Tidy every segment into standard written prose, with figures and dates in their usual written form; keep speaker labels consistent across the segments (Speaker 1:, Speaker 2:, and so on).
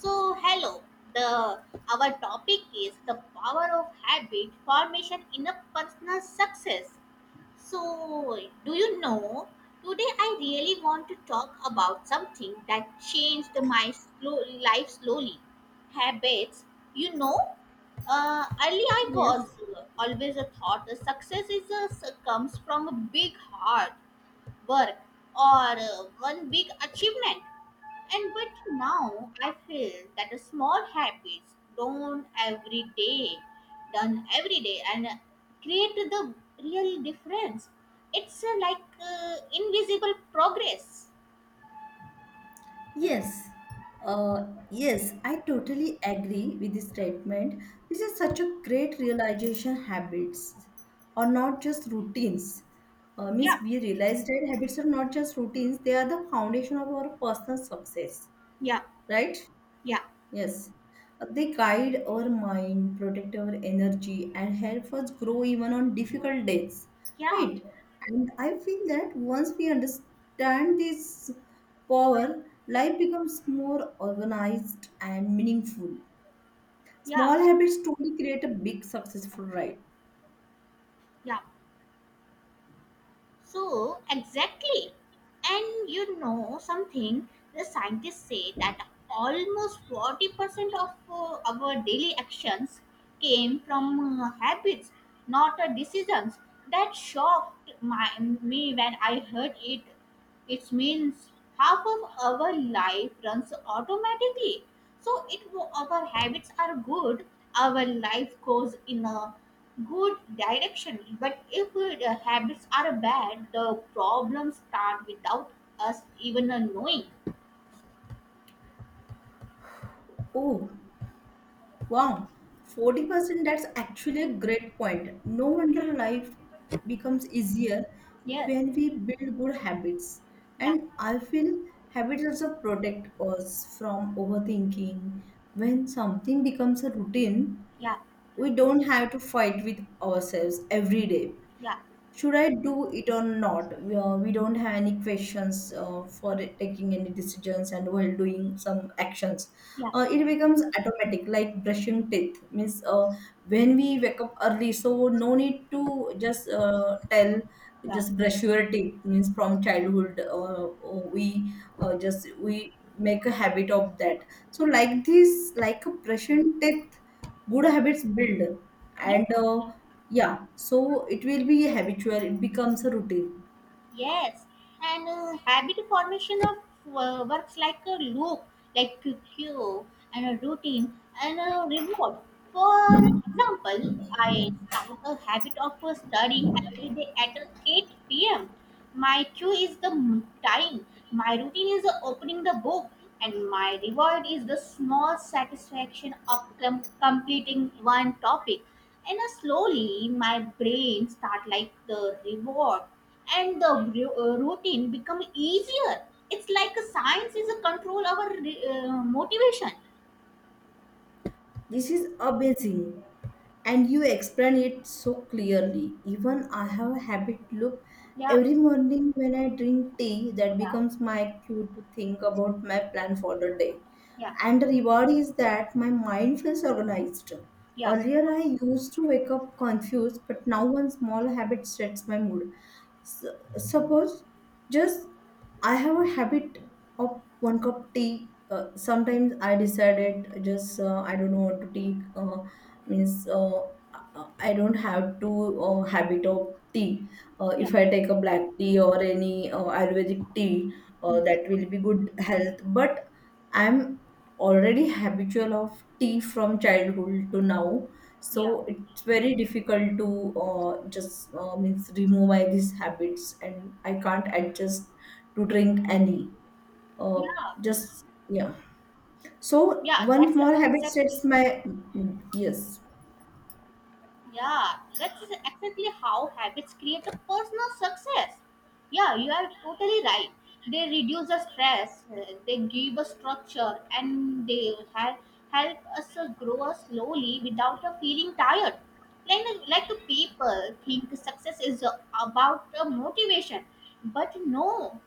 Speaker 1: So, hello. The our topic is the power of habit formation in a personal success. So, do you know? Today, I really want to talk about something that changed my life slowly. Habits, you know. Early, I
Speaker 2: Yes,
Speaker 1: was always a thought that success comes from a big hard work or one big achievement. And but now I feel that the small habits done every day, and create the real difference. It's like invisible progress.
Speaker 2: yes, uh, yes, I totally agree with this statement. This is such a great realization habits are not just routines. Means
Speaker 1: Yeah,
Speaker 2: we realize that habits are not just routines, they are the foundation of our personal success,
Speaker 1: yeah,
Speaker 2: right?
Speaker 1: yeah,
Speaker 2: Yes, they guide our mind, protect our energy, and help us grow even on difficult days,
Speaker 1: yeah,
Speaker 2: right? And I feel that once we understand this power, life becomes more organized and meaningful.
Speaker 1: yeah,
Speaker 2: Small habits truly create a big successful ride.
Speaker 1: yeah. So, exactly. And you know something, the scientists say that almost 40% of our daily actions came from habits, not decisions. That shocked me when I heard it. It means half of our life runs automatically, so if our habits are good, our life goes in a good direction, but if the habits are bad, the problems start without us even knowing.
Speaker 2: Oh, wow, 40% that's actually a great point. No wonder life becomes easier
Speaker 1: Yes,
Speaker 2: when we build good habits.
Speaker 1: yeah,
Speaker 2: And I feel habits also protect us from overthinking. When something becomes a routine,
Speaker 1: yeah,
Speaker 2: we don't have to fight with ourselves every day.
Speaker 1: yeah,
Speaker 2: Should I do it or not? We don't have any questions for taking any decisions and while doing some actions.
Speaker 1: yeah,
Speaker 2: It becomes automatic, like brushing teeth. Means When we wake up early, so no need to just tell,
Speaker 1: yeah,
Speaker 2: just brush your teeth. Means from childhood, we make a habit of that. So like this, like a brushing teeth, good habits build
Speaker 1: yeah.
Speaker 2: and yeah, so it will be habitual, it becomes a routine.
Speaker 1: Yes, and habit formation of works like a loop, like a cue, and a routine, and a reward. For example, I start a habit of studying every day at 8 p.m. My cue is the time. My routine is the opening the book, and my reward is the small satisfaction of completing one topic. And slowly, my brain start like the reward, and the routine become easier. It's like a science is a control our motivation.
Speaker 2: This is amazing and you explain it so clearly. Even I have a habit loop.
Speaker 1: Yeah,
Speaker 2: Every morning when I drink tea, that
Speaker 1: yeah,
Speaker 2: becomes my cue to think about my plan for the day,
Speaker 1: yeah,
Speaker 2: and the reward is that my mind feels organized.
Speaker 1: yeah,
Speaker 2: Earlier I used to wake up confused, but now one small habit sets my mood. S- suppose just I have a habit of one cup tea. Sometimes I decided, just I don't know what to take. Means I don't have to habit of tea.
Speaker 1: yeah,
Speaker 2: If I take a black tea or any ayurvedic tea,
Speaker 1: mm,
Speaker 2: that will be good health, but I'm already habitual of tea from childhood to now.
Speaker 1: yeah,
Speaker 2: So it's very difficult to just means remove my these habits and I can't adjust to drink any uh,
Speaker 1: yeah,
Speaker 2: just yeah. So
Speaker 1: yeah.
Speaker 2: one
Speaker 1: That's the
Speaker 2: small habit sets
Speaker 1: exactly.
Speaker 2: my mm, yes.
Speaker 1: Yeah, that's exactly how habits create a personal success. Yeah, you are totally right. They reduce the stress, they give a structure, and they help us grow us slowly without feeling tired. Like the people think success is about motivation, but no,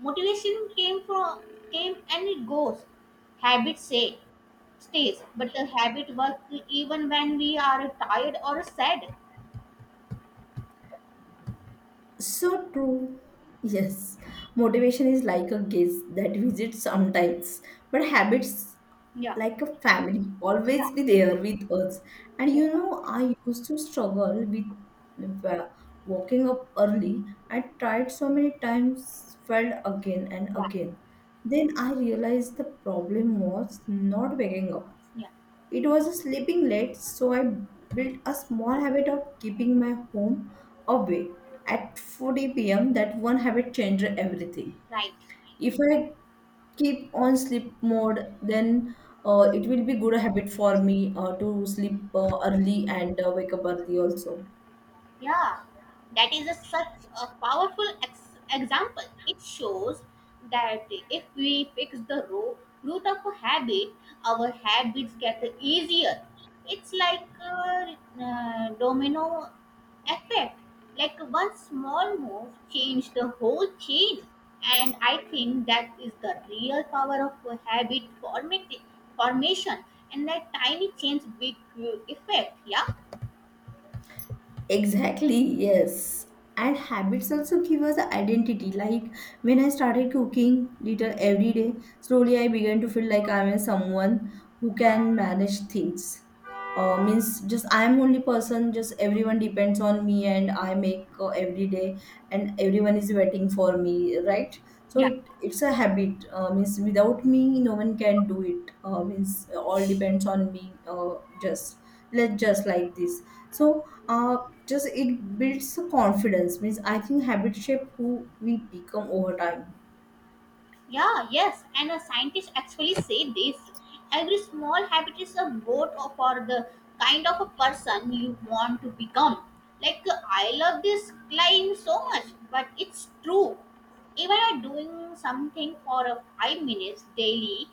Speaker 1: motivation came and it goes. Habits say stays, but the habit works even when we are tired or sad.
Speaker 2: So true. Yes. Motivation is like a guest that visits sometimes, but habits
Speaker 1: Yeah,
Speaker 2: like a family
Speaker 1: yeah,
Speaker 2: always be there with us. And
Speaker 1: yeah, right.
Speaker 2: you know, I used to struggle with waking up early. I tried so many times, failed again and
Speaker 1: Yeah,
Speaker 2: again. Then I realized the problem was not waking up.
Speaker 1: yeah,
Speaker 2: It was sleeping late, so I built a small habit of keeping my home awake at 4 p.m. That one habit changed everything.
Speaker 1: right.
Speaker 2: If I keep on sleep mode, then it will be good habit for me to sleep early and wake up early also.
Speaker 1: Yeah, that such a powerful example. It shows that if we fix the root of a habit, our habits get easier. It's like a domino effect. Like one small move changed the whole chain. And I think that is the real power of a habit formation. And that tiny change, big effect. Yeah.
Speaker 2: Exactly, yes. And habits also give us the identity. Like when I started cooking little every day, slowly I began to feel like I'm someone who can manage things. Means just I'm only person. Just everyone depends on me, and I make every day, and everyone is waiting for me, right? So
Speaker 1: Yeah.
Speaker 2: it's a habit. Means without me, no one can do it. Means all depends on me. Just
Speaker 1: Yeah.
Speaker 2: let just like this, so just it builds confidence. Means I think habit shape who we become over time.
Speaker 1: Yeah, yes, and a scientist actually say this. Every small habit is a vote for the kind of a person you want to become. Like I love this client so much, but it's true. Even a doing something for a 5 minutes daily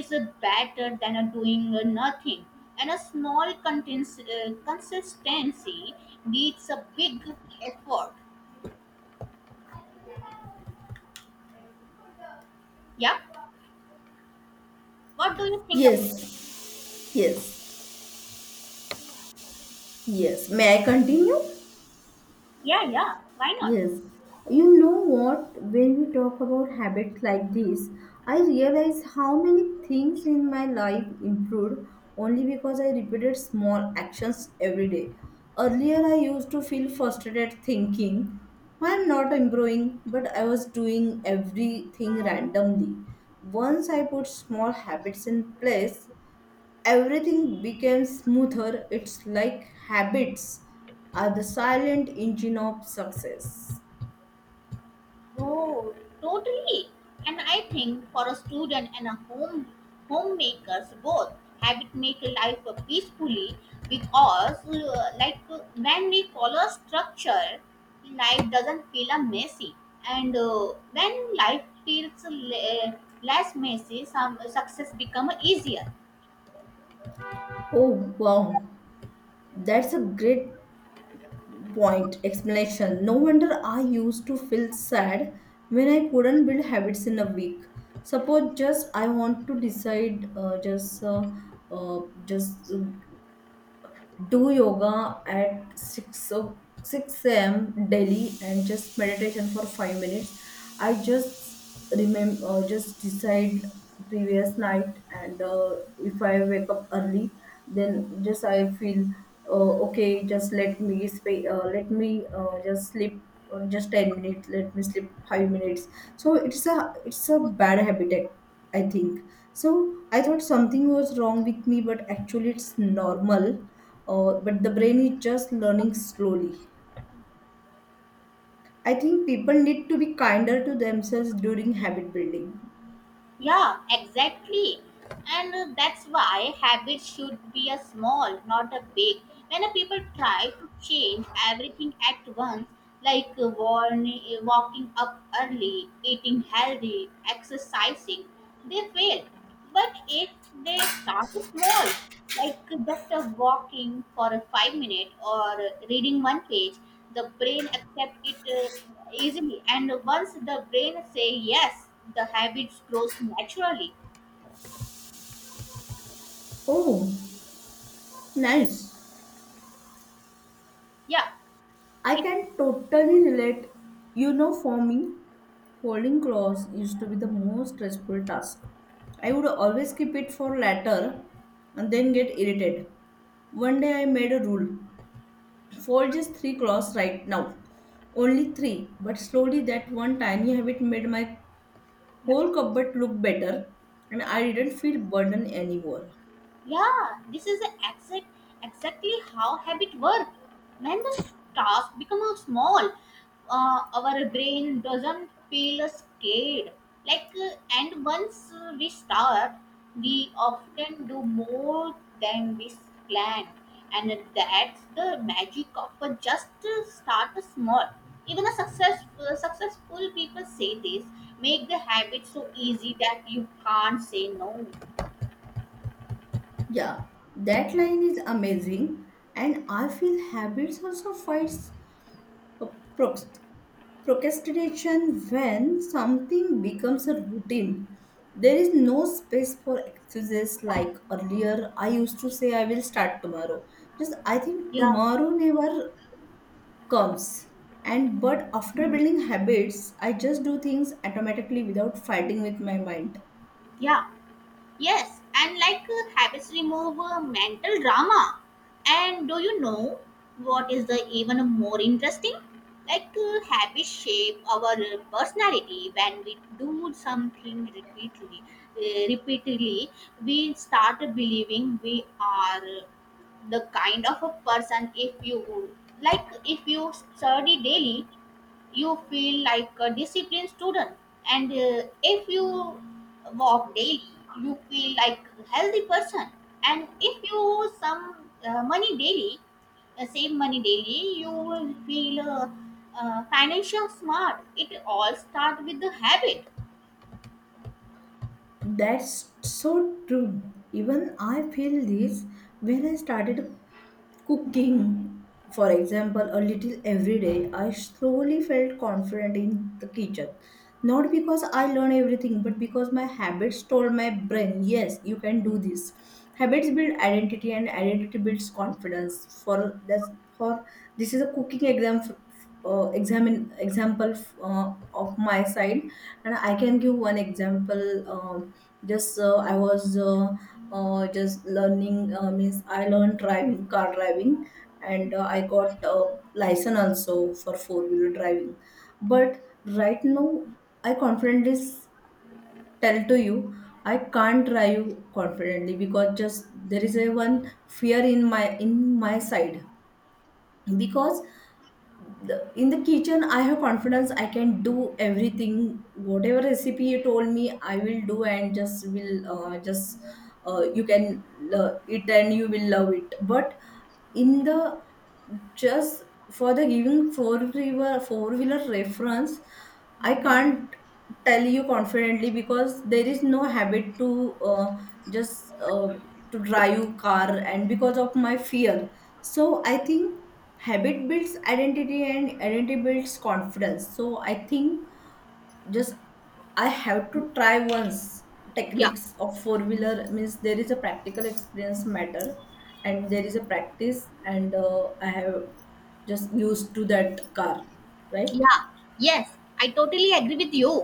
Speaker 1: is a better than a doing a nothing. And a small consistency needs a big effort. Yeah. What do you think about it?
Speaker 2: Yes, yes, yes, may I continue?
Speaker 1: Yeah, yeah. Why not?
Speaker 2: Yes, you know what? When we talk about habits like this, I realize how many things in my life improved only because I repeated small actions every day. Earlier, I used to feel frustrated thinking, why I'm not improving, but I was doing everything randomly. Once I put small habits in place, everything became smoother. It's like habits are the silent engine of success.
Speaker 1: Oh, totally. And I think for a student and a homemakers both, habit make life peacefully because like when we follow a structure, life doesn't feel a messy. And when life feels less messy, some success become easier.
Speaker 2: Oh, wow. That's a great point explanation. No wonder I used to feel sad when I couldn't build habits in a week. Suppose just I want to decide just do yoga at 6 o a.m. daily and just meditation for 5 minutes. I just remember, just decide previous night and if I wake up early, then just I feel okay, just let me let me just sleep or just 10 minutes, let me sleep 5 minutes. So it's a bad habit, I think. So I thought something was wrong with me, but actually it's normal, but the brain is just learning slowly. I think people need to be kinder to themselves during habit building.
Speaker 1: Yeah, exactly. And that's why habits should be a small, not a big. When a people try to change everything at once, like walking up early, eating healthy, exercising, they fail. But if they start small, like just a walking for a 5 minute or reading one page, the brain accept it easily. And once the brain say yes, the habits grows naturally.
Speaker 2: Oh, nice.
Speaker 1: Yeah,
Speaker 2: I
Speaker 1: it
Speaker 2: can totally relate. You know, for me, folding clothes used to be the most stressful task. I would always keep it for later and then get irritated. One day I made a rule, fold just three clothes right now. Only three, but slowly that one tiny habit made my
Speaker 1: yeah.
Speaker 2: whole cupboard looked better and I didn't feel burdened anymore.
Speaker 1: Yeah, this is exactly how habit work. When the task becomes small, our brain doesn't feel scared. Like, and once we start, we often do more than we planned. And that's the magic of just start small. Even a successful people say this, make the habit so easy that you can't say no.
Speaker 2: Yeah, that line is amazing, and I feel habits also fights uh, proc- procrastination when something becomes a routine. There is no space for excuses like earlier. I used to say I will start tomorrow. Just I think
Speaker 1: Yeah,
Speaker 2: tomorrow never comes. And but after building habits, I just do things automatically without fighting with my mind.
Speaker 1: yeah. Yes, and like habits remove mental drama. And do you know what is the even more interesting? Like habits shape our personality. When we do something repeatedly, we start believing we are the kind of a person. If you study daily, you feel like a disciplined student, and if you walk daily, you feel like a healthy person, and if you some money daily save money daily, you will feel financial smart. It all start with the habit.
Speaker 2: That's so true. Even I feel this when I started cooking. For example, a little every day, I slowly felt confident in the kitchen. Not because I learned everything, but because my habits told my brain, yes, you can do this. Habits build identity and identity builds confidence. For that's for this is a cooking example of my side, and I can give one example. um, just I was just learning, means I learned driving, car driving, and I got license also for four wheeler driving. But right now, I confidently tell to you I can't drive confidently because just there is a one fear in my side. Because in the kitchen I have confidence, I can do everything, whatever recipe you told me I will do, and just will just you can eat and you will love it. But in the just, for the giving four wheeler reference, I can't tell you confidently because there is no habit to just to drive car, and because of my fear. So I think habit builds identity and identity builds confidence. So I think just I have to try once
Speaker 1: Yeah.
Speaker 2: techniques of four wheeler. Means there is a practical experience matter, and there is a practice, and I have just used to that car, right?
Speaker 1: Yeah, yes, I totally agree with you.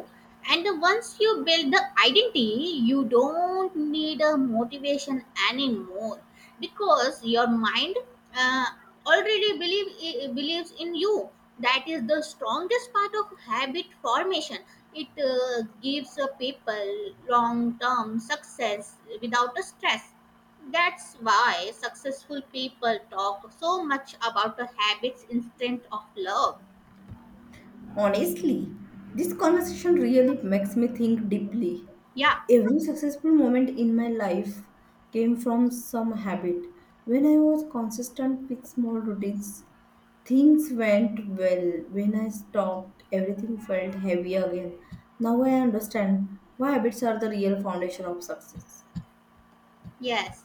Speaker 1: And once you build the identity, you don't need a motivation anymore because your mind uh, already believes in you. That is the strongest part of habit formation. It gives a people long-term success without a stress. That's why successful people talk so much about the habits instead of love.
Speaker 2: Honestly, this conversation really makes me think deeply.
Speaker 1: Yeah.
Speaker 2: Every successful moment in my life came from some habit. When I was consistent with small routines, things went well. When I stopped, everything felt heavy again. Now I understand why habits are the real foundation of success.
Speaker 1: Yes.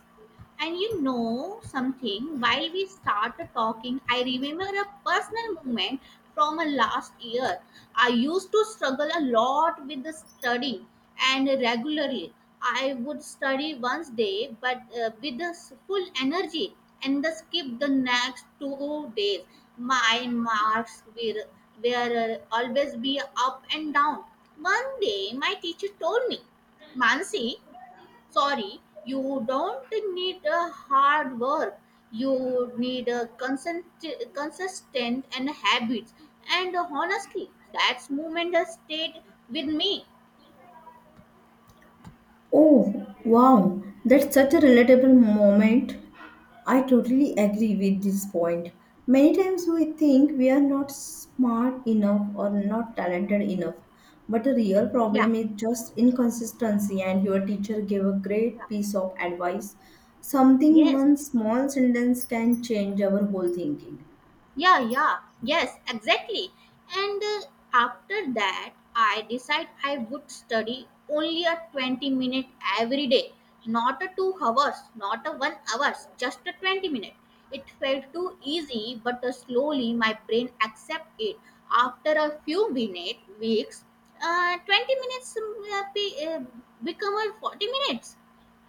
Speaker 1: And you know something, while we started talking, I remember a personal moment from a last year. I used to struggle a lot with the studying and regularly. I would study once day, but with the full energy and the skip the next 2 days. My marks were always be up and down. One day, my teacher told me, Mansi, sorry, you don't need a hard work. You need a consistent and habits. And honestly, that's movement has stayed with me.
Speaker 2: Oh, wow, that's such a relatable moment. I totally agree with this point. Many times we think we are not smart enough or not talented enough, but the real
Speaker 1: Yeah.
Speaker 2: problem is just inconsistency. And your teacher gave a great piece of advice. Something,
Speaker 1: Yes.
Speaker 2: one small sentence can change our whole thinking.
Speaker 1: Yeah, yeah, yes, exactly. And after that, I decide I would study only a 20-minute every day, not a 2 hours, not a 1 hours, just a 20 minute. It felt too easy, but slowly my brain accept it. After a few minute weeks, 20 minutes become a 40 minutes,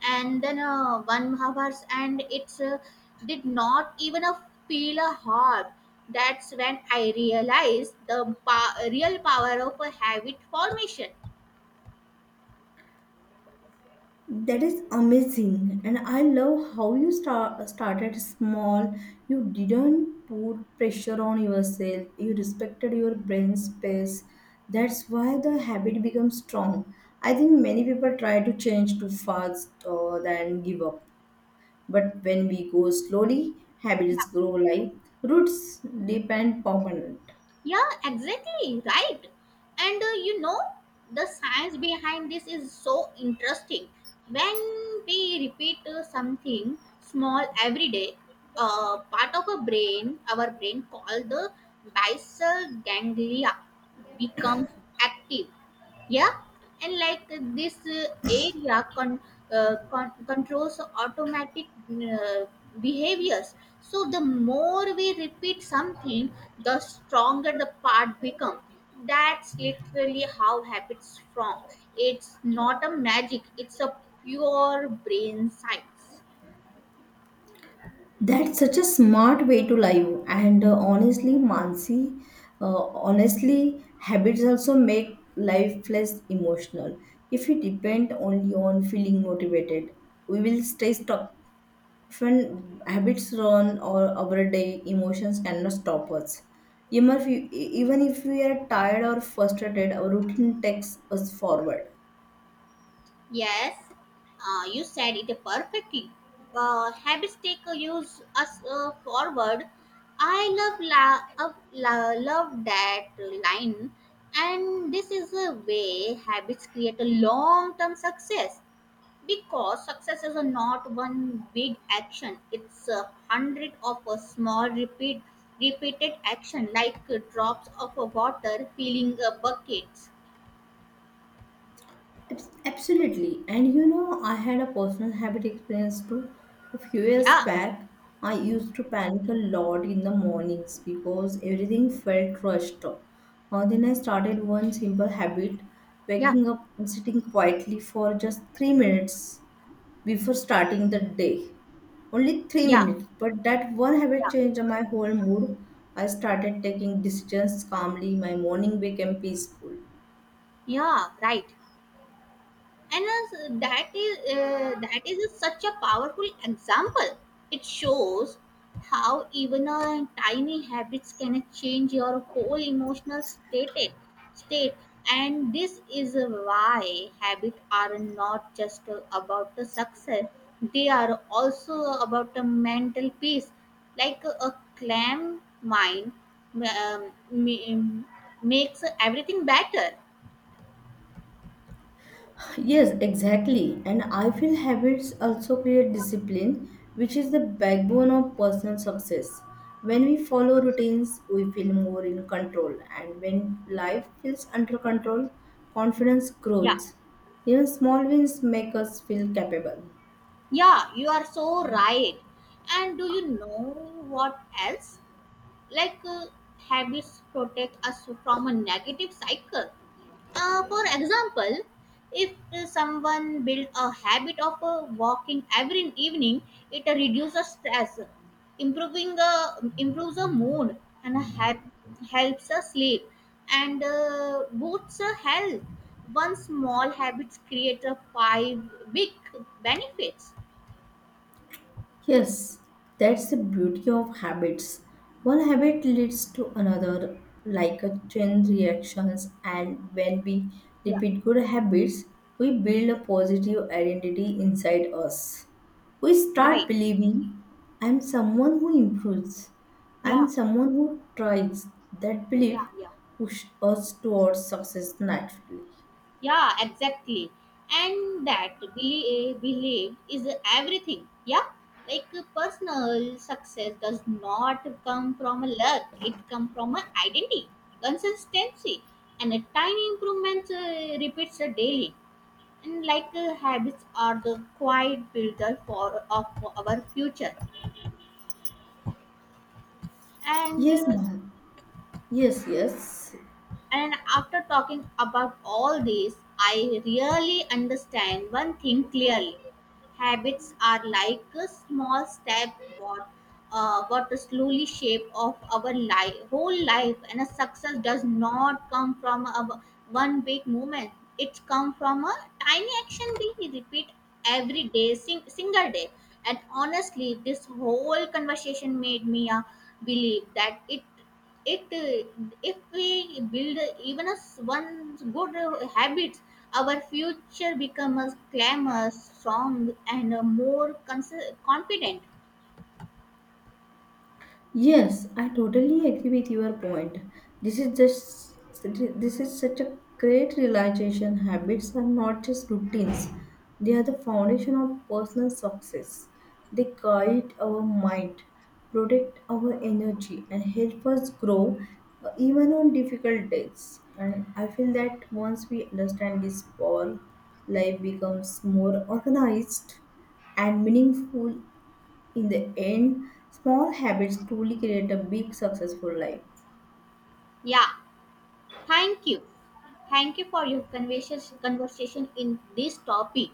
Speaker 1: and then 1 hours, and it's did not even feel a hot. That's when I realized the real power of a habit formation.
Speaker 2: That is amazing. And I love how started small. You didn't put pressure on yourself. You respected your brain space. That's why the habit becomes strong. I think many people try to change too fast or then give up. But when we go slowly,
Speaker 1: Yeah.
Speaker 2: habits grow like roots, deep and permanent.
Speaker 1: Yeah, exactly right. And you know the science behind this is so interesting. When we repeat something small every day, part of a brain our brain called the basal ganglia becomes active. Yeah. And like this area controls automatic behaviors. So the more we repeat something, the stronger the part becomes. That's literally how habits form. It's not a magic, it's a pure brain science.
Speaker 2: That's such a smart way to live. And honestly, Mansi, honestly, habits also make life less emotional. If we depend only on feeling motivated, we will stay stuck. When habits run or our day, emotions cannot stop us. Even if we are tired or frustrated, our routine takes us forward.
Speaker 1: Yes, you said it perfectly. Habits take use us forward. I love love that line, and this is a way habits create a long-term success because success is not one big action. It's a hundred of a small repeated action like drops of water filling buckets.
Speaker 2: Absolutely. And you know, I had a personal habit experience too. A few years
Speaker 1: Yeah,
Speaker 2: back, I used to panic a lot in the mornings because everything felt rushed. Then I started one simple habit,
Speaker 1: yeah,
Speaker 2: waking up and sitting quietly for just 3 minutes before starting the day. Only three
Speaker 1: yeah,
Speaker 2: minutes, but that one habit
Speaker 1: yeah.
Speaker 2: changed my whole mood. I started taking decisions calmly, my morning became peaceful.
Speaker 1: Yeah, right. And as that is such a powerful example. It shows how even a tiny habits can change your whole emotional state, and this is why habits are not just about the success; they are also about the mental peace. Like a calm mind um, ma- makes everything better.
Speaker 2: Yes, exactly. And I feel habits also create discipline, which is the backbone of personal success. When we follow routines, we feel more in control. And when life feels under control, confidence
Speaker 1: Yeah.
Speaker 2: grows. Even small wins make us feel capable.
Speaker 1: Yeah, you are so right. And do you know what else? Like habits protect us from a negative cycle. For example, if someone build a habit of walking every evening, it reduces stress, improving improves the mood, and helps us sleep and boosts our health. One small habits create a five big benefits.
Speaker 2: Yes, that's the beauty of habits. One habit leads to another, like a chain reactions, and when we
Speaker 1: Yeah.
Speaker 2: repeat good habits, we build a positive identity inside us. We start
Speaker 1: Right.
Speaker 2: believing, I'm someone who improves. I'm
Speaker 1: Yeah.
Speaker 2: someone who tries. That
Speaker 1: Yeah.
Speaker 2: belief
Speaker 1: Yeah.
Speaker 2: pushes us towards success naturally.
Speaker 1: Yeah. Exactly. And that belief is everything. Yeah. Like personal success does not come from luck. It comes from a identity, consistency, and a tiny improvement repeats daily. And like habits are the quiet builder for of our future. And
Speaker 2: Yes,
Speaker 1: uh,
Speaker 2: ma'am. Yes, yes.
Speaker 1: And after talking about all this, I really understand one thing clearly. Habits are like a small step what what slowly shape of our life, whole life, and a success does not come from one big moment. It comes from a tiny action we repeat every day, single day. And honestly, this whole conversation made me believe that it if we build even one good habits, our future becomes clamor strong and more confident.
Speaker 2: Yes, I totally agree with your point. This is just this is such a great realization. Habits are not just routines; they are the foundation of personal success. They guide our mind, protect our energy, and help us grow even on difficult days. And I feel that once we understand this power, life becomes more organized and meaningful. In the end, small habits truly create a big successful life.
Speaker 1: Yeah. Thank you thank you for your conversation in this topic.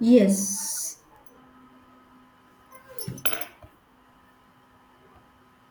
Speaker 2: Yes,